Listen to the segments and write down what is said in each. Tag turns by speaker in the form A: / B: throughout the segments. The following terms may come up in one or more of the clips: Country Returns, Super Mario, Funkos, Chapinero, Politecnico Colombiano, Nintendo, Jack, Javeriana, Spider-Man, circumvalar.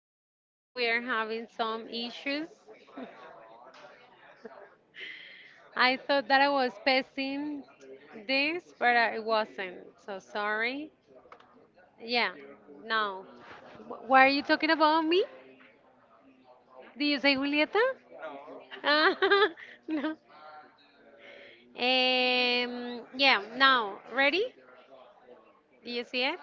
A: sorry, we are having some issues. I thought that I was passing this, but I wasn't. So sorry. Yeah, no. Why are you talking about me? Do you say Julieta? Ah, no. Yeah, now, ready? Do you see it?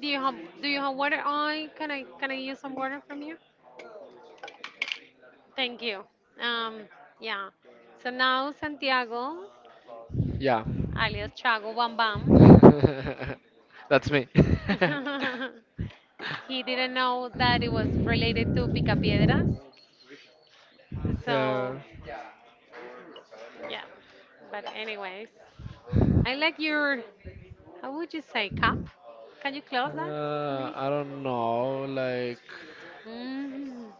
A: Do you have do you have water? I use some water from you? Thank you. Um, yeah. So now Santiago
B: Yeah.
A: alias Chago Bam Bam.
B: That's me.
A: He didn't know that it was related to Picapiedras. So,
B: Yeah.
A: yeah. But, anyways, I like your, how would you say, cup? Can you close that for me?
B: I don't know,
A: Mm,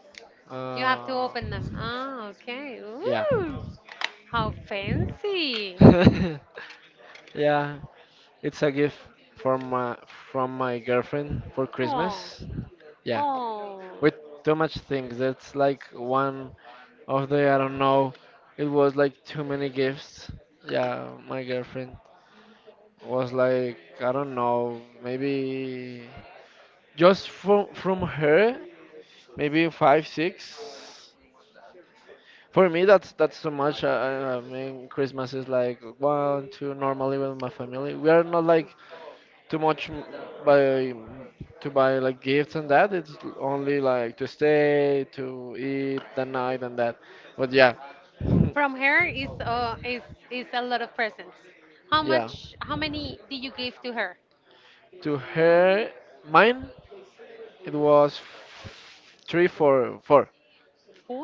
A: you have to
B: uh,
A: open them. Ah, okay.
B: yeah.
A: Ooh, how fancy.
B: Yeah, it's a gift from my, from my girlfriend for
A: Oh,
B: Christmas. Yeah,
A: oh.
B: with too much things. That's like one of the I don't know, it was like too many gifts. Yeah, my girlfriend was like, I don't know, maybe just from her maybe 5 6. For me that's so much, I mean Christmas is like 1 2. Normally with my family we are not like too much by to buy like gifts and that. It's only like to stay to eat the night and that. But yeah.
A: From her is a lot of presents. How
B: Yeah,
A: much? How many did you give to her?
B: to her, mine, it was 3 4 4.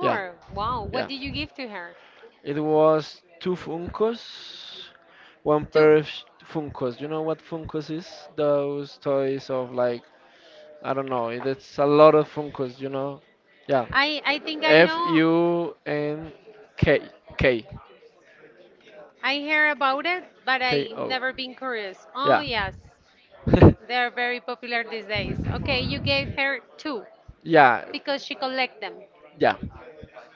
B: Yeah,
A: Wow. What
B: yeah.
A: did you give to her?
B: It was two Funkos, one
A: Two.
B: pair of Funkos. You know what Funkos is? Those toys of like, I don't know. It's a lot of Funkos. You know? Yeah.
A: I think I
B: F
A: know.
B: U N K K
A: I hear about it, but
B: K
A: I
B: O.
A: never been curious. Oh
B: Yeah.
A: yes, they're very popular these days. Okay, you gave her two
B: Yeah.
A: because she collect them.
B: Yeah.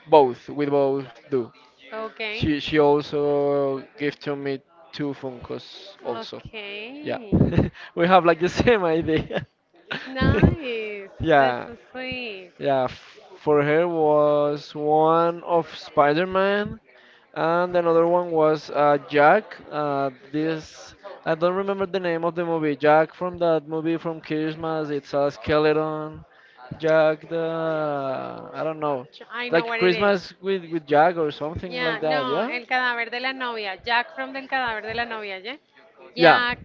B: Both. We both do.
A: Okay.
B: She also gave to me two Funkos also. Yeah,
A: Okay.
B: we have like the same idea.
A: Nice. That's
B: Yeah,
A: so sweet.
B: yeah. For her was one of Spider-Man, and another one was Jack. This, I don't remember the name of the movie. Jack from that movie from Christmas. It's a skeleton. Jack the, I don't know,
A: I know
B: like
A: what it is.
B: Christmas with Jack or something
A: Yeah,
B: like that.
A: no,
B: Yeah,
A: El cadáver de la novia. Jack from Del cadáver de la novia, yeah?
B: yeah,
A: Jack,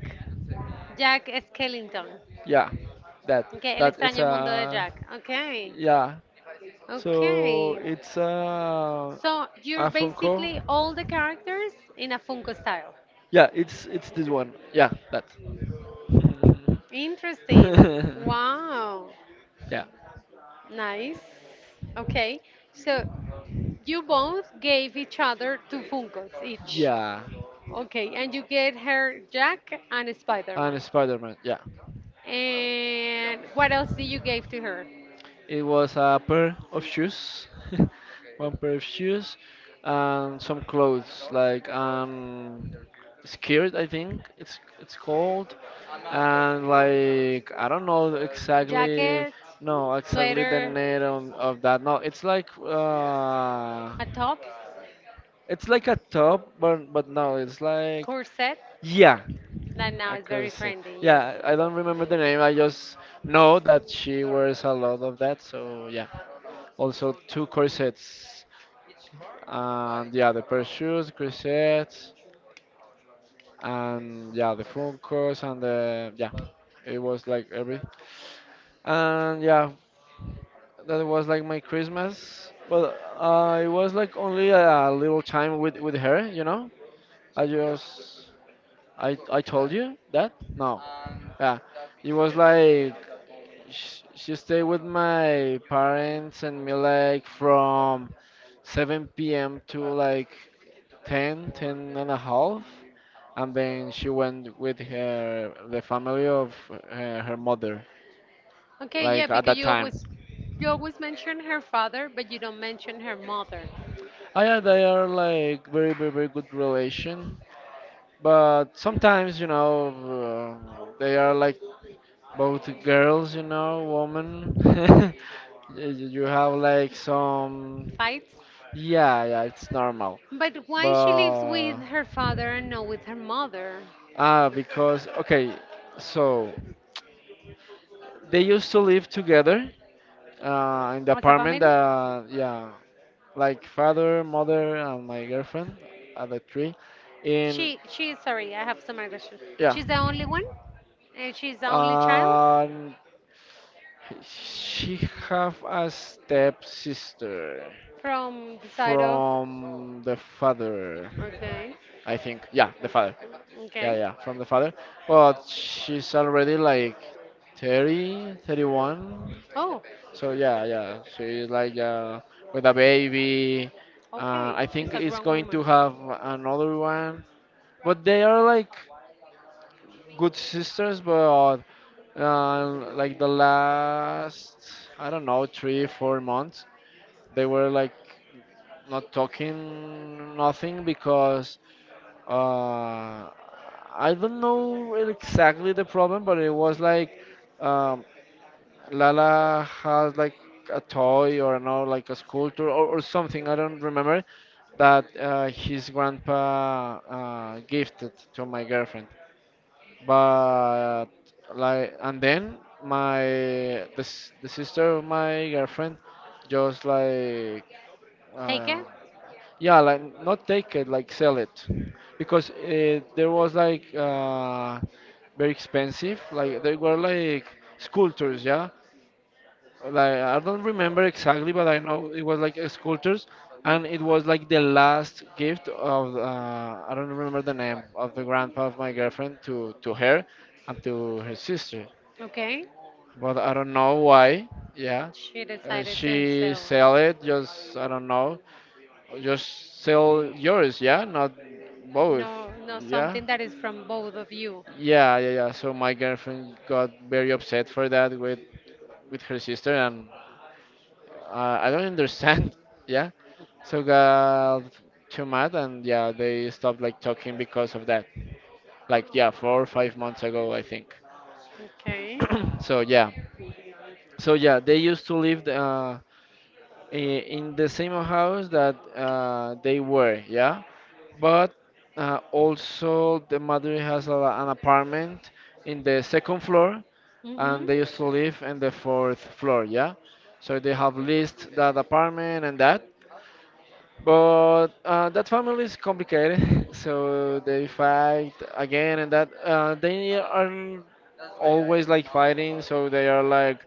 A: Jack Skellington.
B: yeah. That
A: Okay, El
B: that it's
A: extraño mundo de
B: a,
A: Jack. Okay.
B: yeah. So
A: Okay.
B: it's
A: So you're
B: a phone call.
A: basically all the characters in a Funko style.
B: Yeah, it's this one. Yeah, that.
A: Interesting. Wow.
B: Yeah.
A: Nice. Okay. So you both gave each other two Funkos each.
B: Yeah.
A: Okay, and you get her Jack and Spider-Man.
B: And Spider-Man. Yeah.
A: And what else did you give to her?
B: It was a pair of shoes, one pair of shoes, and some clothes like skirt, I think it's called, and like I don't know exactly,
A: Jacket,
B: no exactly the
A: sweater,
B: name of that. No,
A: a top,
B: it's like a top, but no, it's like,
A: corset.
B: yeah.
A: That now
B: I
A: is
B: could
A: very
B: say,
A: trendy, yes.
B: yeah. I don't remember the name. I just know that she wears a lot of that. So yeah, also two corsets and yeah, the pair of shoes, corsets, and yeah, the Funkos and the, yeah. It was like every, and yeah, that was like my Christmas. But it was like only a little time with her, you know. I just, I told you that, no? Yeah, it was like she stayed with my parents and me like from 7 p.m. to like ten, 10 and a half, and then she went with her, the family of her mother,
A: Okay, yeah,
B: like at
A: because
B: that time.
A: you always mention her father, but you don't mention her mother.
B: Oh yeah, they are like very, very, very good relation. But sometimes, you know, they are like both girls, you know, women. You you have like some,
A: Fights?
B: yeah, yeah, it's normal.
A: But why she lives with
B: But
A: her father and not with her mother?
B: ah, because okay, so they used to live together in the
A: As a
B: apartment
A: family?
B: that, yeah, like father, mother, and my girlfriend are the three in,
A: She sorry, I have some other questions.
B: yeah.
A: She's the only one? And she's the only child
B: And she have a stepsister
A: from the side of.
B: from the father,
A: Okay.
B: I think. Yeah, the father. Yeah,
A: Okay.
B: yeah, from the father. But she's already like 30, 31.
A: Oh,
B: So yeah, yeah, she's like with a baby.
A: okay.
B: I
A: She's
B: think
A: a
B: it's
A: grown
B: going
A: woman.
B: to have another one, but they are like good sisters. But like the last, I don't know, 3 4 months, they were like not talking nothing because uh, I don't know exactly the problem, but it was like. Um, Lala has like a toy, or no, like a sculpture or something. I don't remember that his grandpa gifted to my girlfriend. But like, and then my the, the sister of my girlfriend just like,
A: Take
B: uh,
A: it?
B: yeah, like not take it, like sell it, because there was like very expensive. Like they were like sculptures, yeah, like I don't remember exactly, but I know it was like a sculptures, and it was like the last gift of I don't remember the name of the grandpa of my girlfriend to her and to her sister.
A: Okay.
B: But I don't know why. Yeah,
A: She decided to
B: she
A: sell.
B: sell it. Just I don't know. Just sell yours. Yeah, not both.
A: No, no,
B: Yeah.
A: something that is from both of you.
B: Yeah, yeah, yeah. So my girlfriend got very upset for that with her sister, and I don't understand. Yeah. So got too mad and yeah, they stopped like talking because of that. Like yeah, 4 or 5 months ago, I think.
A: Okay.
B: So yeah, so yeah, they used to live in the same house that they were, yeah. But also the mother has a, an apartment in the second floor,
A: Mhm.
B: and they used to live in the fourth floor, yeah. So they have leased that apartment and that. But that family is complicated, so they fight again, and that they are always like fighting. So they are like,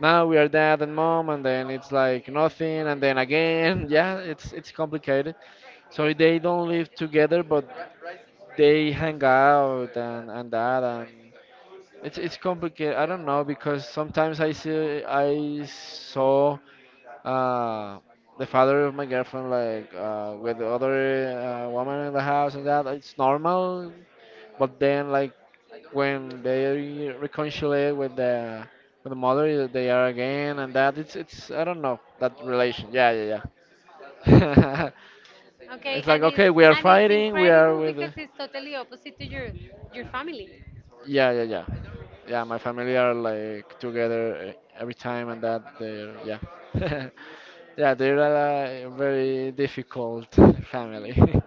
B: now we are dad and mom, and then it's like nothing, and then again, yeah, it's complicated. So they don't live together, but they hang out and that, and it's complicated. I don't know because sometimes I saw uh, the father of my girlfriend, like with the other woman in the house and that, it's normal. But then, like when they reconcile with the mother, they are again and that. It's, I don't know that relation. Yeah, yeah, yeah.
A: Okay,
B: It's like
A: and
B: okay, we are
A: it's
B: fighting. We are
A: incredible
B: with.
A: because it's totally opposite to your family.
B: Yeah, yeah, yeah. Yeah, my family are like together every time and that. They, yeah. Yeah, they're a very difficult family.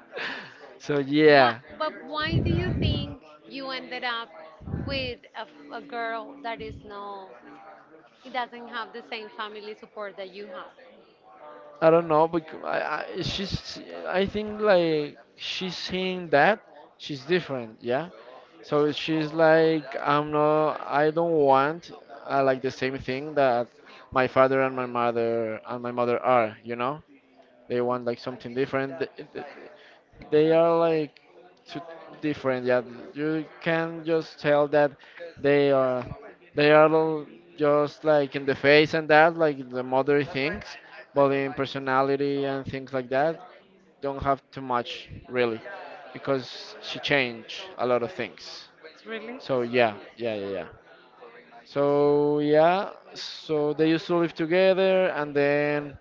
B: So
A: What,
B: yeah,
A: but why do you think you ended up with a girl that is no, it doesn't have the same family support that you have?
B: I don't know, but I she's, I think like she's seeing that she's different, yeah. So she's like, I'm not, I don't want like the same thing that my father and my mother are, you know? They want like something different. They are like two different. Yeah, you can just tell that they are, they are all just like in the face and that, like the mother things, but in personality and things like that, don't have too much really, because she changed a lot of things.
A: Really.
B: So yeah, yeah, yeah, yeah. So yeah, so they used to live together, and then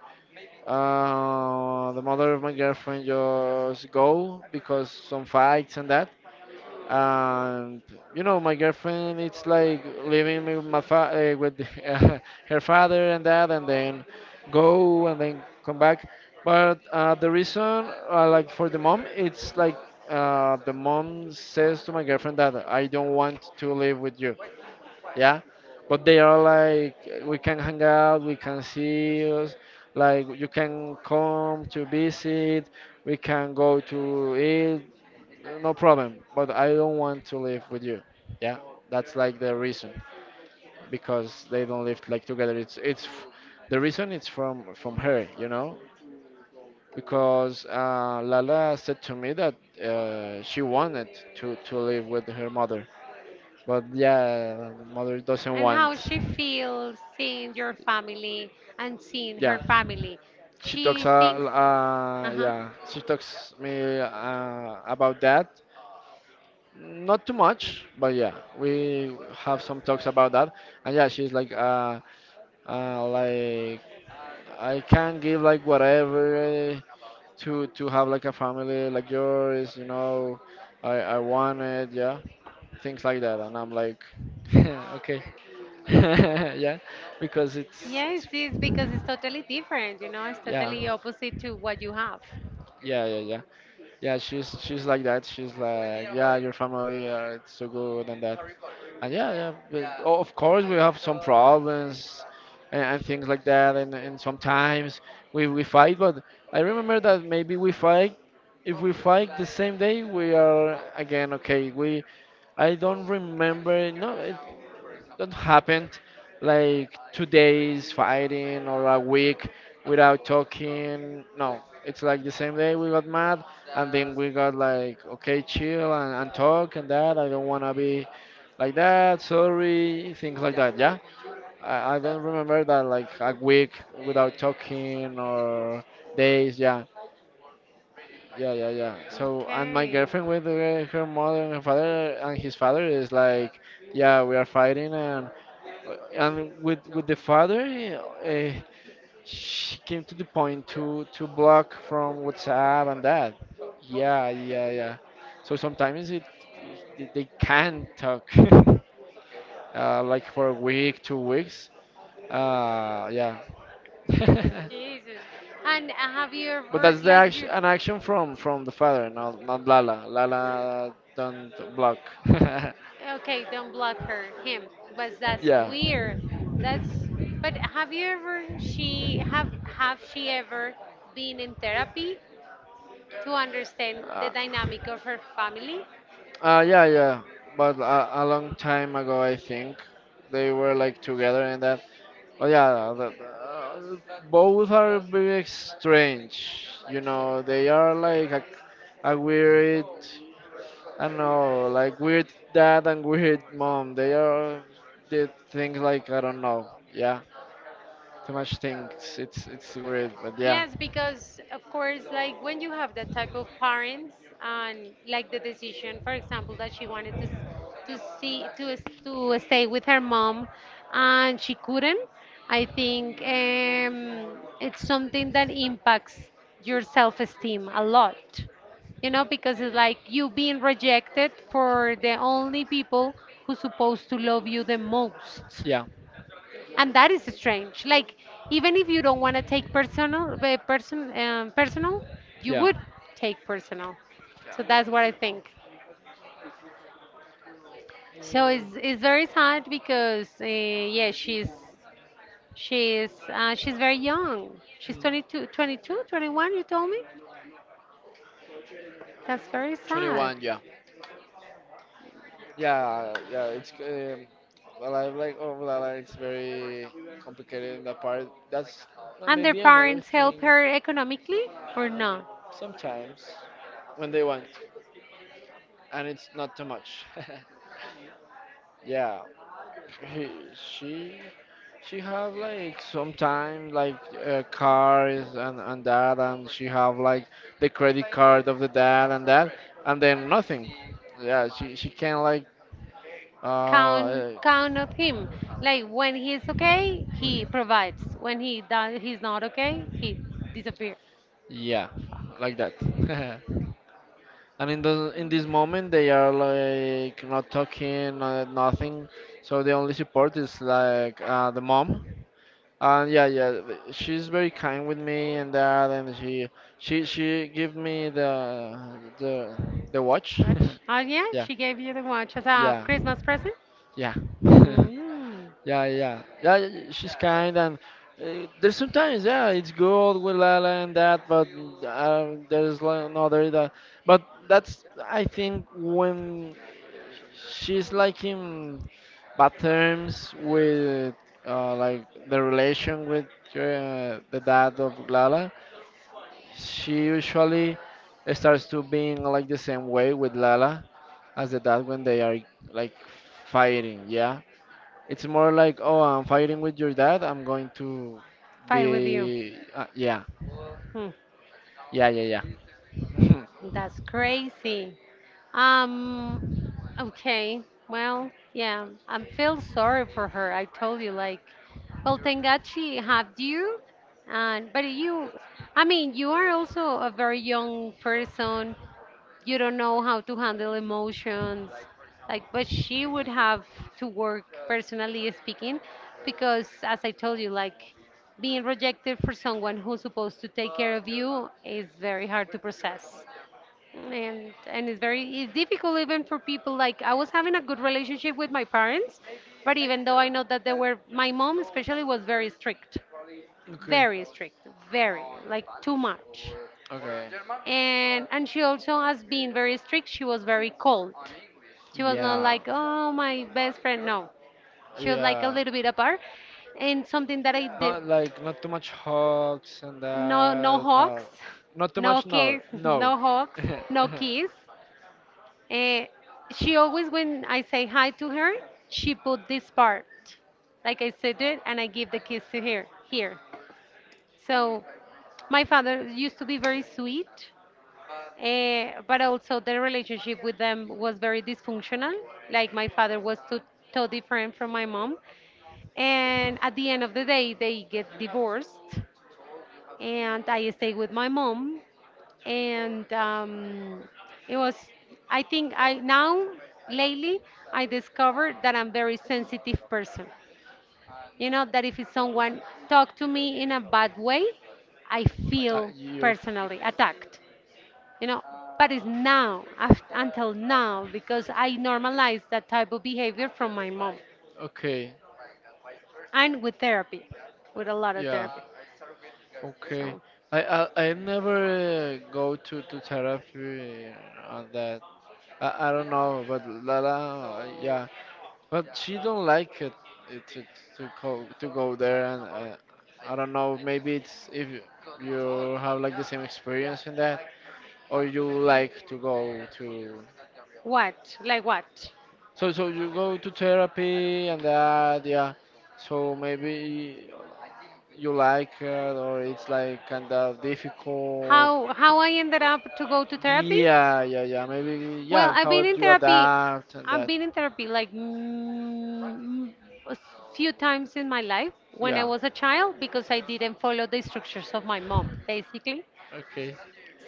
B: the mother of my girlfriend just go because some fights and that. And you know, my girlfriend it's like living with my fa with uh, her father and that, and then go and then come back. But the reason, like for the mom, it's like the mom says to my girlfriend that I don't want to live with you. Yeah, but they are like, we can hang out, we can see us, like you can come to visit, we can go to eat, no problem, but I don't want to live with you. Yeah, that's like the reason. Because they don't live like together, it's the reason it's from her, you know. Because Lala said to me that she wanted to live with her mother, but yeah, mother doesn't
A: And
B: want.
A: how she feels seeing your family and seeing her
B: Yeah.
A: family.
B: She talks
A: She thinks, uh huh.
B: yeah, she talks me about that. Not too much, but yeah, we have some talks about that. And yeah, she's like I can give like whatever to have like a family like yours, you know. I want it, yeah, things like that. And I'm like, okay, yeah, because it's
A: Yes,
B: it's
A: it's because it's totally different, you know, it's
B: yeah,
A: totally opposite to what you have.
B: yeah, yeah, yeah. Yeah, she's like that. She's like, yeah, your family are it's so good and that. And yeah, yeah, but, of course we have some problems and things like that, and sometimes we fight. But I remember that maybe we fight. If we fight the same day, we are again okay. We, I don't remember. No, it, that happened like 2 days fighting or a week without talking. No, it's like the same day we got mad and then we got like okay, chill, and talk and that. I don't want to be like that, sorry, things like that, yeah. I don't remember that like a week without talking or days. Yeah, yeah, yeah, yeah. So and my
A: Okay.
B: girlfriend with her, her mother and her father, and his father is like, yeah, we are fighting. And and with the father, uh, she came to the point to block from WhatsApp and that. Yeah, yeah, yeah. So sometimes they can't talk, like for a week, 2 weeks. Yeah.
A: Jesus. And have you
B: But
A: ever
B: that's the
A: like
B: action,
A: you
B: an action from the father, not not Lala. Lala don't block.
A: okay, don't block her, him. But that's
B: Yeah.
A: weird. That's but have you ever she have she ever been in therapy to understand the
B: Uh,
A: dynamic of her family?
B: yeah, yeah. But a long time ago, I think they were like together and that. But yeah, both are very strange. You know, they are like a weird. I don't know, like weird dad and weird mom. They are did things like, I don't know. Yeah. Too much things. It's weird, but yeah.
A: Yes, because of course, like when you have that type of parents and like the decision, for example, that she wanted to to stay with her mom, and she couldn't. I think it's something that impacts your self-esteem a lot, you know, because it's like you being rejected for the only people who supposed to love you the most,
B: Yeah.
A: and that is strange, like, even if you don't want to take personal personal, you
B: Yeah.
A: would take personal.
B: Yeah.
A: So that's what I think. So it's very sad because yeah, she's very young. She's 22 22 21, you told me. That's very sad.
B: 21, yeah. Yeah, yeah, it's well, I like oh, La La, it's very complicated in that part. That's
A: And their
B: maybe another
A: parents help
B: thing
A: her economically or not
B: sometimes when they want, and it's not too much. Yeah, he, she she have like sometimes like cars and that, and she have like the credit card of the dad and that, and then nothing. Yeah, she can like
A: count
B: uh
A: count of him. Like when he's okay, he provides. When he does, he's not okay, he disappears.
B: yeah,
A: Fuck.
B: like that. And in the in this moment, they are like not talking, nothing. So the only support is like the mom. And yeah, yeah, she's very kind with me and that, and she give me the watch.
A: Watch. Oh yeah,
B: yeah,
A: she gave you the watch as a
B: yeah,
A: Christmas present.
B: yeah.
A: Mm.
B: Yeah, yeah, yeah. She's kind, and there's sometimes, yeah, it's good with Lala and that, but there's like another that. But that's, I think, when she's like in bad terms with like the relation with her, the dad of Lala. She usually starts to being like the same way with Lala as the dad when they are like fighting. Yeah, it's more like, oh, I'm fighting with your dad. I'm going to
A: Fight with you.
B: be, yeah,
A: Hmm.
B: yeah, yeah, yeah.
A: That's crazy. Um, okay. Well, yeah, I feel sorry for her. I told you, like, well, thank God she had you. And but you, I mean, you are also a very young person. You don't know how to handle emotions. Like, but she would have to work personally speaking, because as I told you, like, being rejected for someone who's supposed to take care of you is very hard to process, and it's very it's difficult, even for people like. I was having a good relationship with my parents, but even though I know that they were, my mom especially was very strict,
B: okay.
A: very strict, very like too much,
B: Okay.
A: and she also has been very strict. She was very cold. She was not
B: Yeah,
A: like, oh my best friend. No, she was like a
B: yeah.
A: little bit apart, and something that I did.
B: Not like not too much hugs and
A: No, no
B: that. No,
A: hugs,
B: not too
A: no
B: much. No,
A: kiss,
B: no.
A: no hugs, no
B: uh,
A: kiss. Eh, she always, when I say hi to her, she put this part, like I said it, and I give the kiss to her here. So my father used to be very sweet, but also the relationship with them was very dysfunctional. Like my father was too different from my mom, and at the end of the day, they get divorced and I stayed with my mom. And it was, I think I now, lately, I discovered that I'm very sensitive person. You know that if someone talk to me in a bad way, I feel
B: you.
A: personally attacked. You know, but it's now until now because I normalized that type of behavior from my mom,
B: Okay.
A: and with therapy, with a lot of
B: Yeah.
A: therapy.
B: Okay.
A: So
B: I never go to therapy on that. I don't know, but Lala, yeah. But she don't like it to to go there, and I don't know. Maybe it's if you have like the same experience in that, or you like to go to.
A: what? Like what?
B: So you go to therapy and that, yeah. So maybe you like it or it's like kind of difficult.
A: How I ended up to go to therapy?
B: Yeah, yeah, yeah. Maybe,
A: Well,
B: yeah.
A: I've
B: How
A: been
B: do
A: in
B: you
A: therapy.
B: adapt and
A: I've
B: that?
A: been in therapy like, mm, a s- few times in my life when I
B: Yeah.
A: was a child because I didn't follow the instructions of my mom, basically.
B: Okay.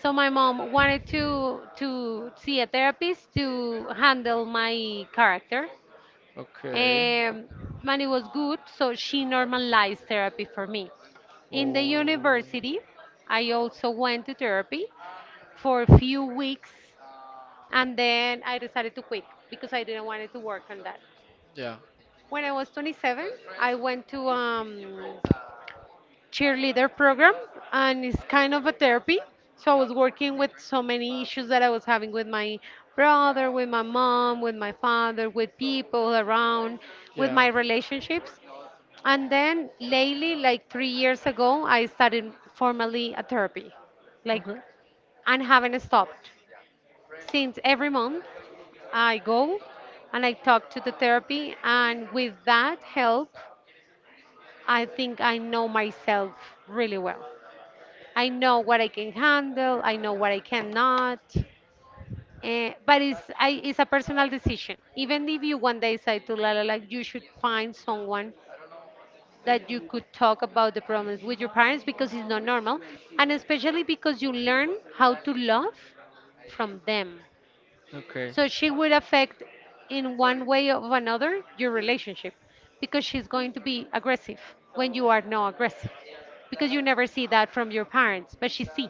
A: So my mom wanted to see a therapist to handle my character,
B: Okay.
A: um, and it was good, so she normalized therapy for me. In the
B: Oh.
A: university, I also went to therapy for a few weeks and then I decided to quit because I didn't want to work on that.
B: Yeah.
A: When I was 27, I went to cheerleader program and it's kind of a therapy. So I was working with so many issues that I was having with my brother, with my mom, with my father, with people around, with
B: Yeah.
A: my relationships. And then lately, like 3 years ago, I started formally a therapy, like,
B: Okay.
A: and haven't stopped. Since every month I go and I talk to the therapy, and with that help, I think I know myself really well. I know what I can handle, I know what I cannot. Eh, but it's a personal decision. Even if you one day say to Lala, like, you should find someone that you could talk about the problems with your parents because it's not normal, and especially because you learn how to love from them,
B: Okay.
A: so she would affect in one way or another your relationship, because she's going to be aggressive when you are not aggressive, because you never see that from your parents but she see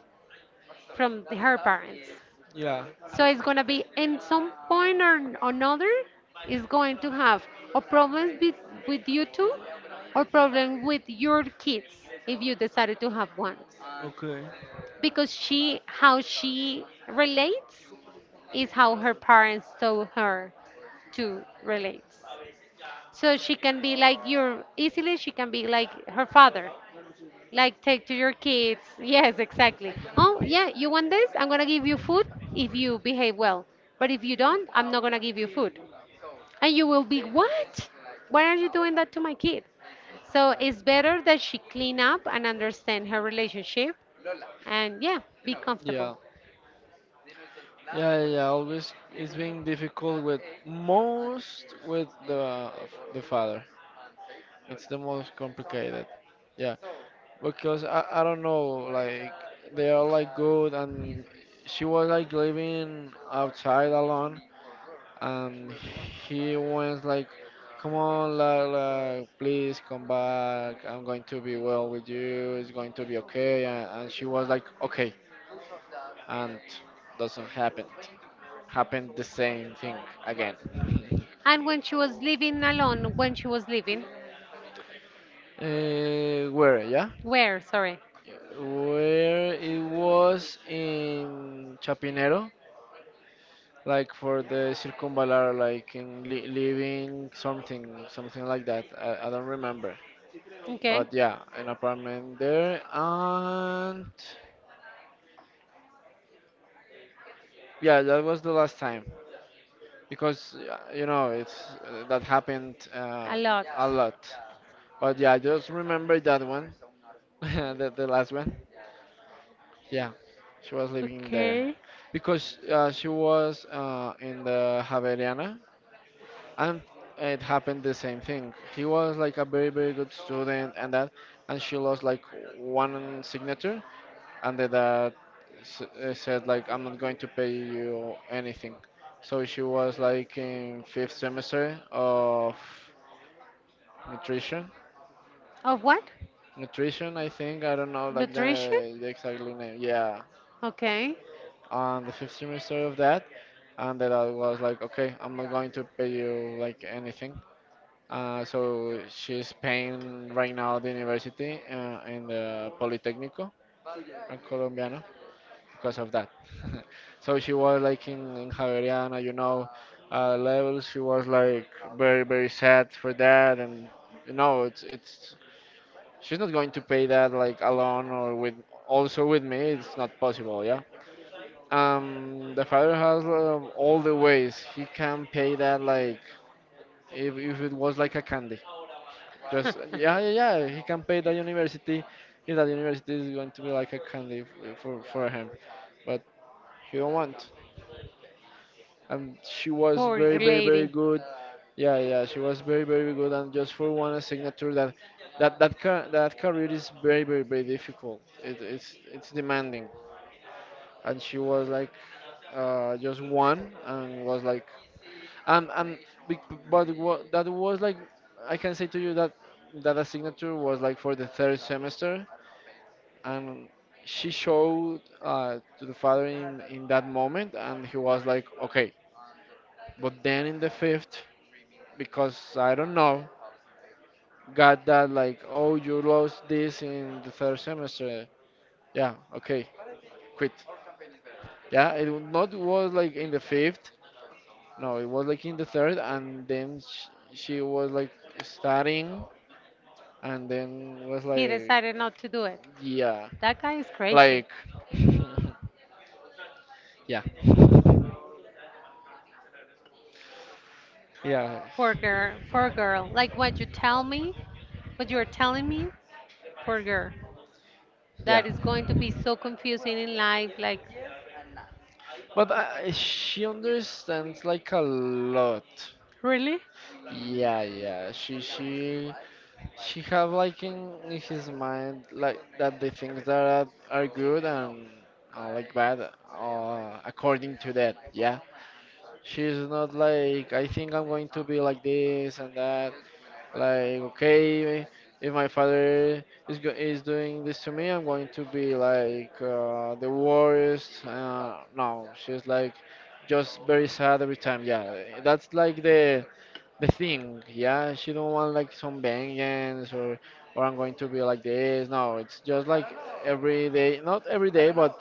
A: from her parents.
B: Yeah.
A: So it's gonna be in some point or another. Is going to have a problem with, you two, or problem with your kids if you decided to have one.
B: Okay.
A: Because she, how she relates is how her parents told her to relate. So she can be like your easily, she can be like her father, like take to your kids. Yes, exactly. Oh, yeah, you want this? I'm gonna give you food if you behave well. But if you don't, I'm not gonna give you food. And you will be, what? Why are you doing that to my kid? So it's better that she clean up and understand her relationship, and yeah, be
B: Yeah.
A: comfortable.
B: Yeah, yeah. yeah, Always, it's been difficult with most with the father. It's the most complicated. Yeah, because I don't know like they are like good and she was like living outside alone and he was like, "Come on, Lala, please come back. I'm going to be well with you. It's going to be okay." And she was like, "Okay," and doesn't happen. Happened the same thing again.
A: And when she was living alone, when she was living,
B: Where, yeah?
A: where? Sorry.
B: Where it was in Chapinero, like for the circumvalar, like in li living something, something like that. I don't remember.
A: Okay.
B: But yeah, an apartment there, and yeah, that was the last time because you know it's that happened
A: A lot.
B: a lot. But yeah, I just remember that one, the last one. Yeah, she was living there
A: Okay.
B: because she was in the Javeriana, and it happened the same thing. He was like a very good student and that, and she lost like one signature, and the dad said like I'm not going to pay you anything, so she was like in fifth semester of nutrition
A: Of what?
B: nutrition, I think. I don't know like
A: Nutrition?
B: the exact name, yeah.
A: Okay.
B: On the fifth semester of that, and the dad was like, okay, I'm not going to pay you like anything. So she's paying right now the university in the Politecnico, in Colombiano. Because of that. So she was like in Javeriana, you know, level. She was like very, very sad for that. And, you know, it's, she's not going to pay that like alone or with, also with me. It's not possible, yeah. The father has all the ways he can pay that like if it was like a candy. Just yeah, yeah, yeah. He can pay the university. If that university is going to be like a candy for him, but he don't want. And she was
A: Poor
B: very very
A: lady.
B: good, yeah, yeah. She was very very good, and just for one signature. That car that career is very very difficult. It's demanding. And she was like just one, and was like, and be- but what that was like. I can say to you that that a signature was like for the third semester, and she showed to the father in that moment, and he was like okay. But then in the fifth, because I don't know, got that like, oh, you lost this in the third semester. Yeah, okay, quit. Yeah, it w- not was like in the fifth. No, it was like in the third. And then sh she was like studying, and then was
A: He
B: like,
A: decided not to do it.
B: yeah,
A: That guy is crazy.
B: like, yeah, yeah,
A: Poor girl. Poor girl. Like what you tell me, what you are telling me, poor girl.
B: yeah.
A: That is going to be so confusing in life. Like,
B: But she understands like a lot.
A: really?
B: Yeah, yeah. She have like in his mind like that the things that are good and like bad according to that. Yeah. She's not like, I think I'm going to be like this and that. Like, okay, if my father is doing this to me, I'm going to be like the worst. No, she's like just very sad every time. Yeah, that's like the thing. Yeah, she don't want like some vengeance or I'm going to be like this. No, it's just like every day, not every day, but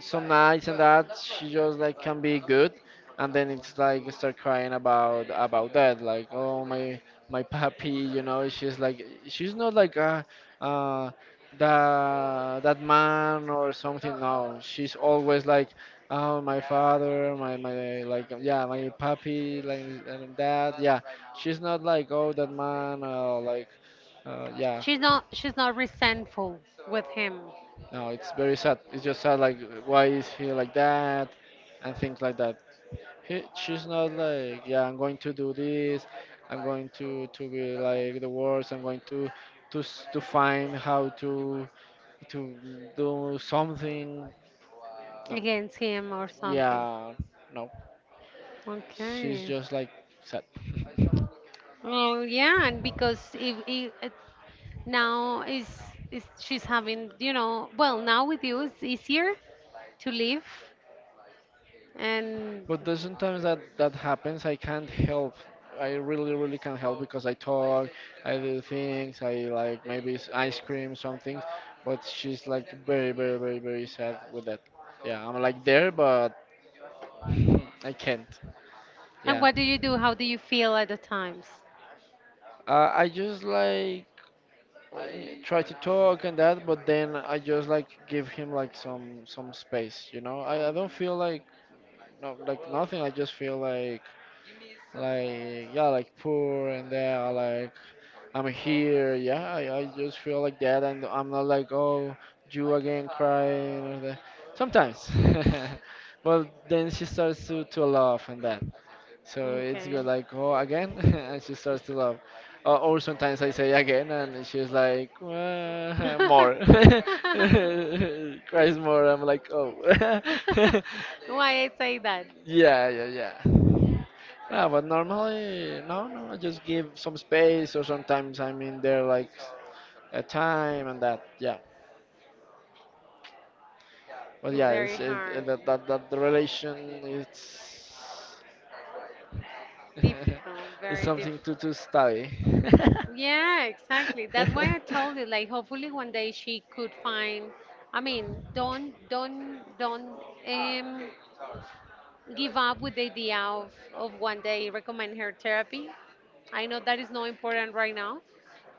B: some nights and that she just like can be good and then it's like start crying about that like oh my my papi, you know. She's like she's not like uh that that man or something. No, she's always like, oh, my father, my, like, yeah, my papi, like, and that, yeah. She's not like, oh, that man, like, yeah.
A: She's not. She's not resentful with him,
B: No, it's very sad. It's just sad, like why is he like that and things like that. She's not like, yeah, I'm going to do this. I'm going to be like the worst. I'm going to find how to do something. No,
A: against him or something.
B: yeah, no. She's
A: Okay.
B: just like sad.
A: Well, yeah, and because if now is she's having, you know, well now with you it's easier to live. And
B: But there's sometimes that that happens. I can't help. I really, really can't help because I talk, I do things, I like maybe ice cream, some things. But she's like very, very, very, very sad with that. Yeah, I'm like there, but mm, I can't.
A: and
B: Yeah.
A: what do you do? How do you feel at the times?
B: I just like I try to talk and that, but then I just like give him like some space, you know. I don't feel like no like nothing. I just feel like yeah like poor, and then I like I'm here. Yeah, I just feel like that, and I'm not like oh you again crying or that. Sometimes, but then she starts to laugh and that. So it's
A: Okay.
B: good, like, oh, again? And she starts to laugh. Or sometimes I say again, and she's like, more. Cries more." I'm like, oh.
A: Why I say that?
B: yeah, yeah, yeah. Yeah, but normally, no, no, I just give some space, or sometimes I'm in there like a time and that, yeah. But
A: It's
B: yeah,
A: very hard,
B: that, that the relation it's
A: difficult,
B: it's
A: very
B: something
A: difficult.
B: to study.
A: Yeah, exactly. That's why I told you, like, hopefully one day she could find. I mean, don't um, give up with the idea of, one day recommend her therapy. I know that is not important right now,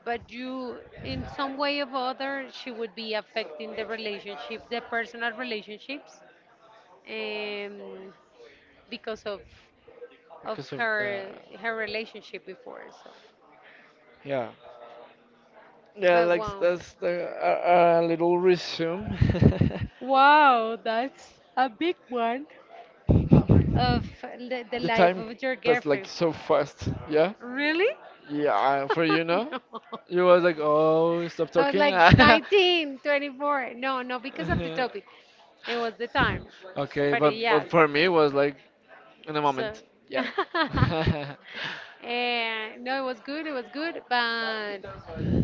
A: but you, in some way or other, she would be affecting the relationship, the personal relationships, um, because of
B: because of the
A: her relationship before. So,
B: yeah. Yeah,
A: but
B: like
A: wow,
B: that's the a little resume.
A: wow, that's a big one of the
B: The
A: life
B: time
A: of your
B: passed like
A: girlfriend.
B: so fast. Yeah,
A: Really?
B: yeah. For you know,
A: No.
B: you was like, oh, stop
A: I was
B: talking.
A: like 19, 24. No, no, because of the
B: Uh-huh.
A: topic. It was the time.
B: Okay,
A: But yes,
B: but for me it was like in a
A: so.
B: moment. Yeah.
A: And no, it was good, it was good. But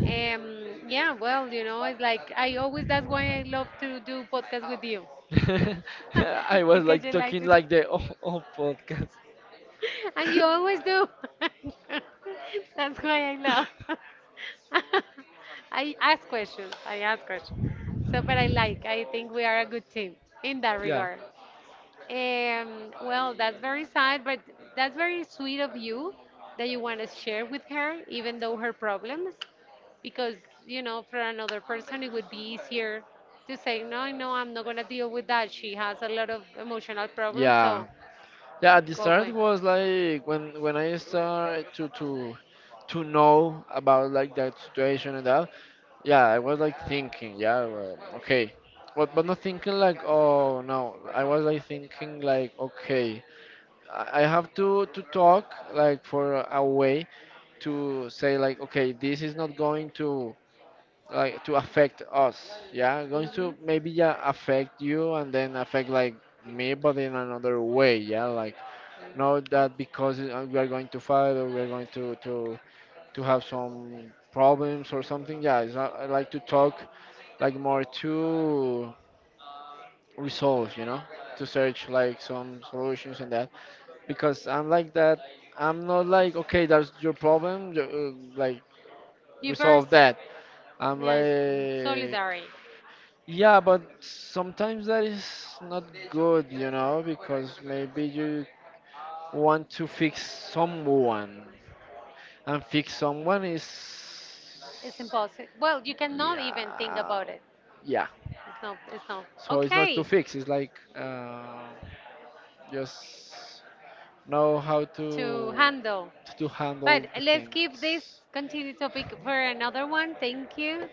A: um, yeah, well, you know, it's like I always, that's why I love to do podcast with you.
B: I was
A: Because
B: like
A: you like
B: talking
A: to.
B: like the whole podcast.
A: And you always do. That's why I love. I ask questions. I ask questions. So, but I like. I think we are a good team in that
B: Yeah.
A: regard. Well, that's very sad, but that's very sweet of you that you want to share with her, even though her problems, because you know, for another person, it would be easier to say, no, no, I'm not gonna deal with that. She has a lot of emotional problems,
B: Yeah.
A: so
B: Yeah, at the
A: go
B: start
A: away.
B: was like when I started to know about like that situation and that. Yeah, I was like thinking, yeah, well, okay. But not thinking like, oh no, I was like thinking like, okay, I have to talk like for a way to say like, okay, this is not going to like to affect us, yeah, going
A: Hmm.
B: to maybe yeah affect you and then affect like me, but in another way, yeah, like not
A: As
B: that because we are going to fight or we are going to have some problems or something. Yeah, it's not, I like to talk like more to resolve, you know, to search like some solutions and that. Because I'm like that. I'm not like okay, that's your problem. Like
A: diverse,
B: resolve that. I'm
A: yeah,
B: like
A: solidary.
B: yeah, but sometimes that is not good, you know, because maybe you want to fix someone. And fix someone is
A: It's impossible. Well, you cannot even think
B: yeah,
A: about it.
B: yeah.
A: It's not. It's not
B: So it's not to
A: okay
B: fix. It's like just know how
A: to handle.
B: to
A: But
B: handle the
A: let's keep this
B: things.
A: continue topic for another one. Thank you.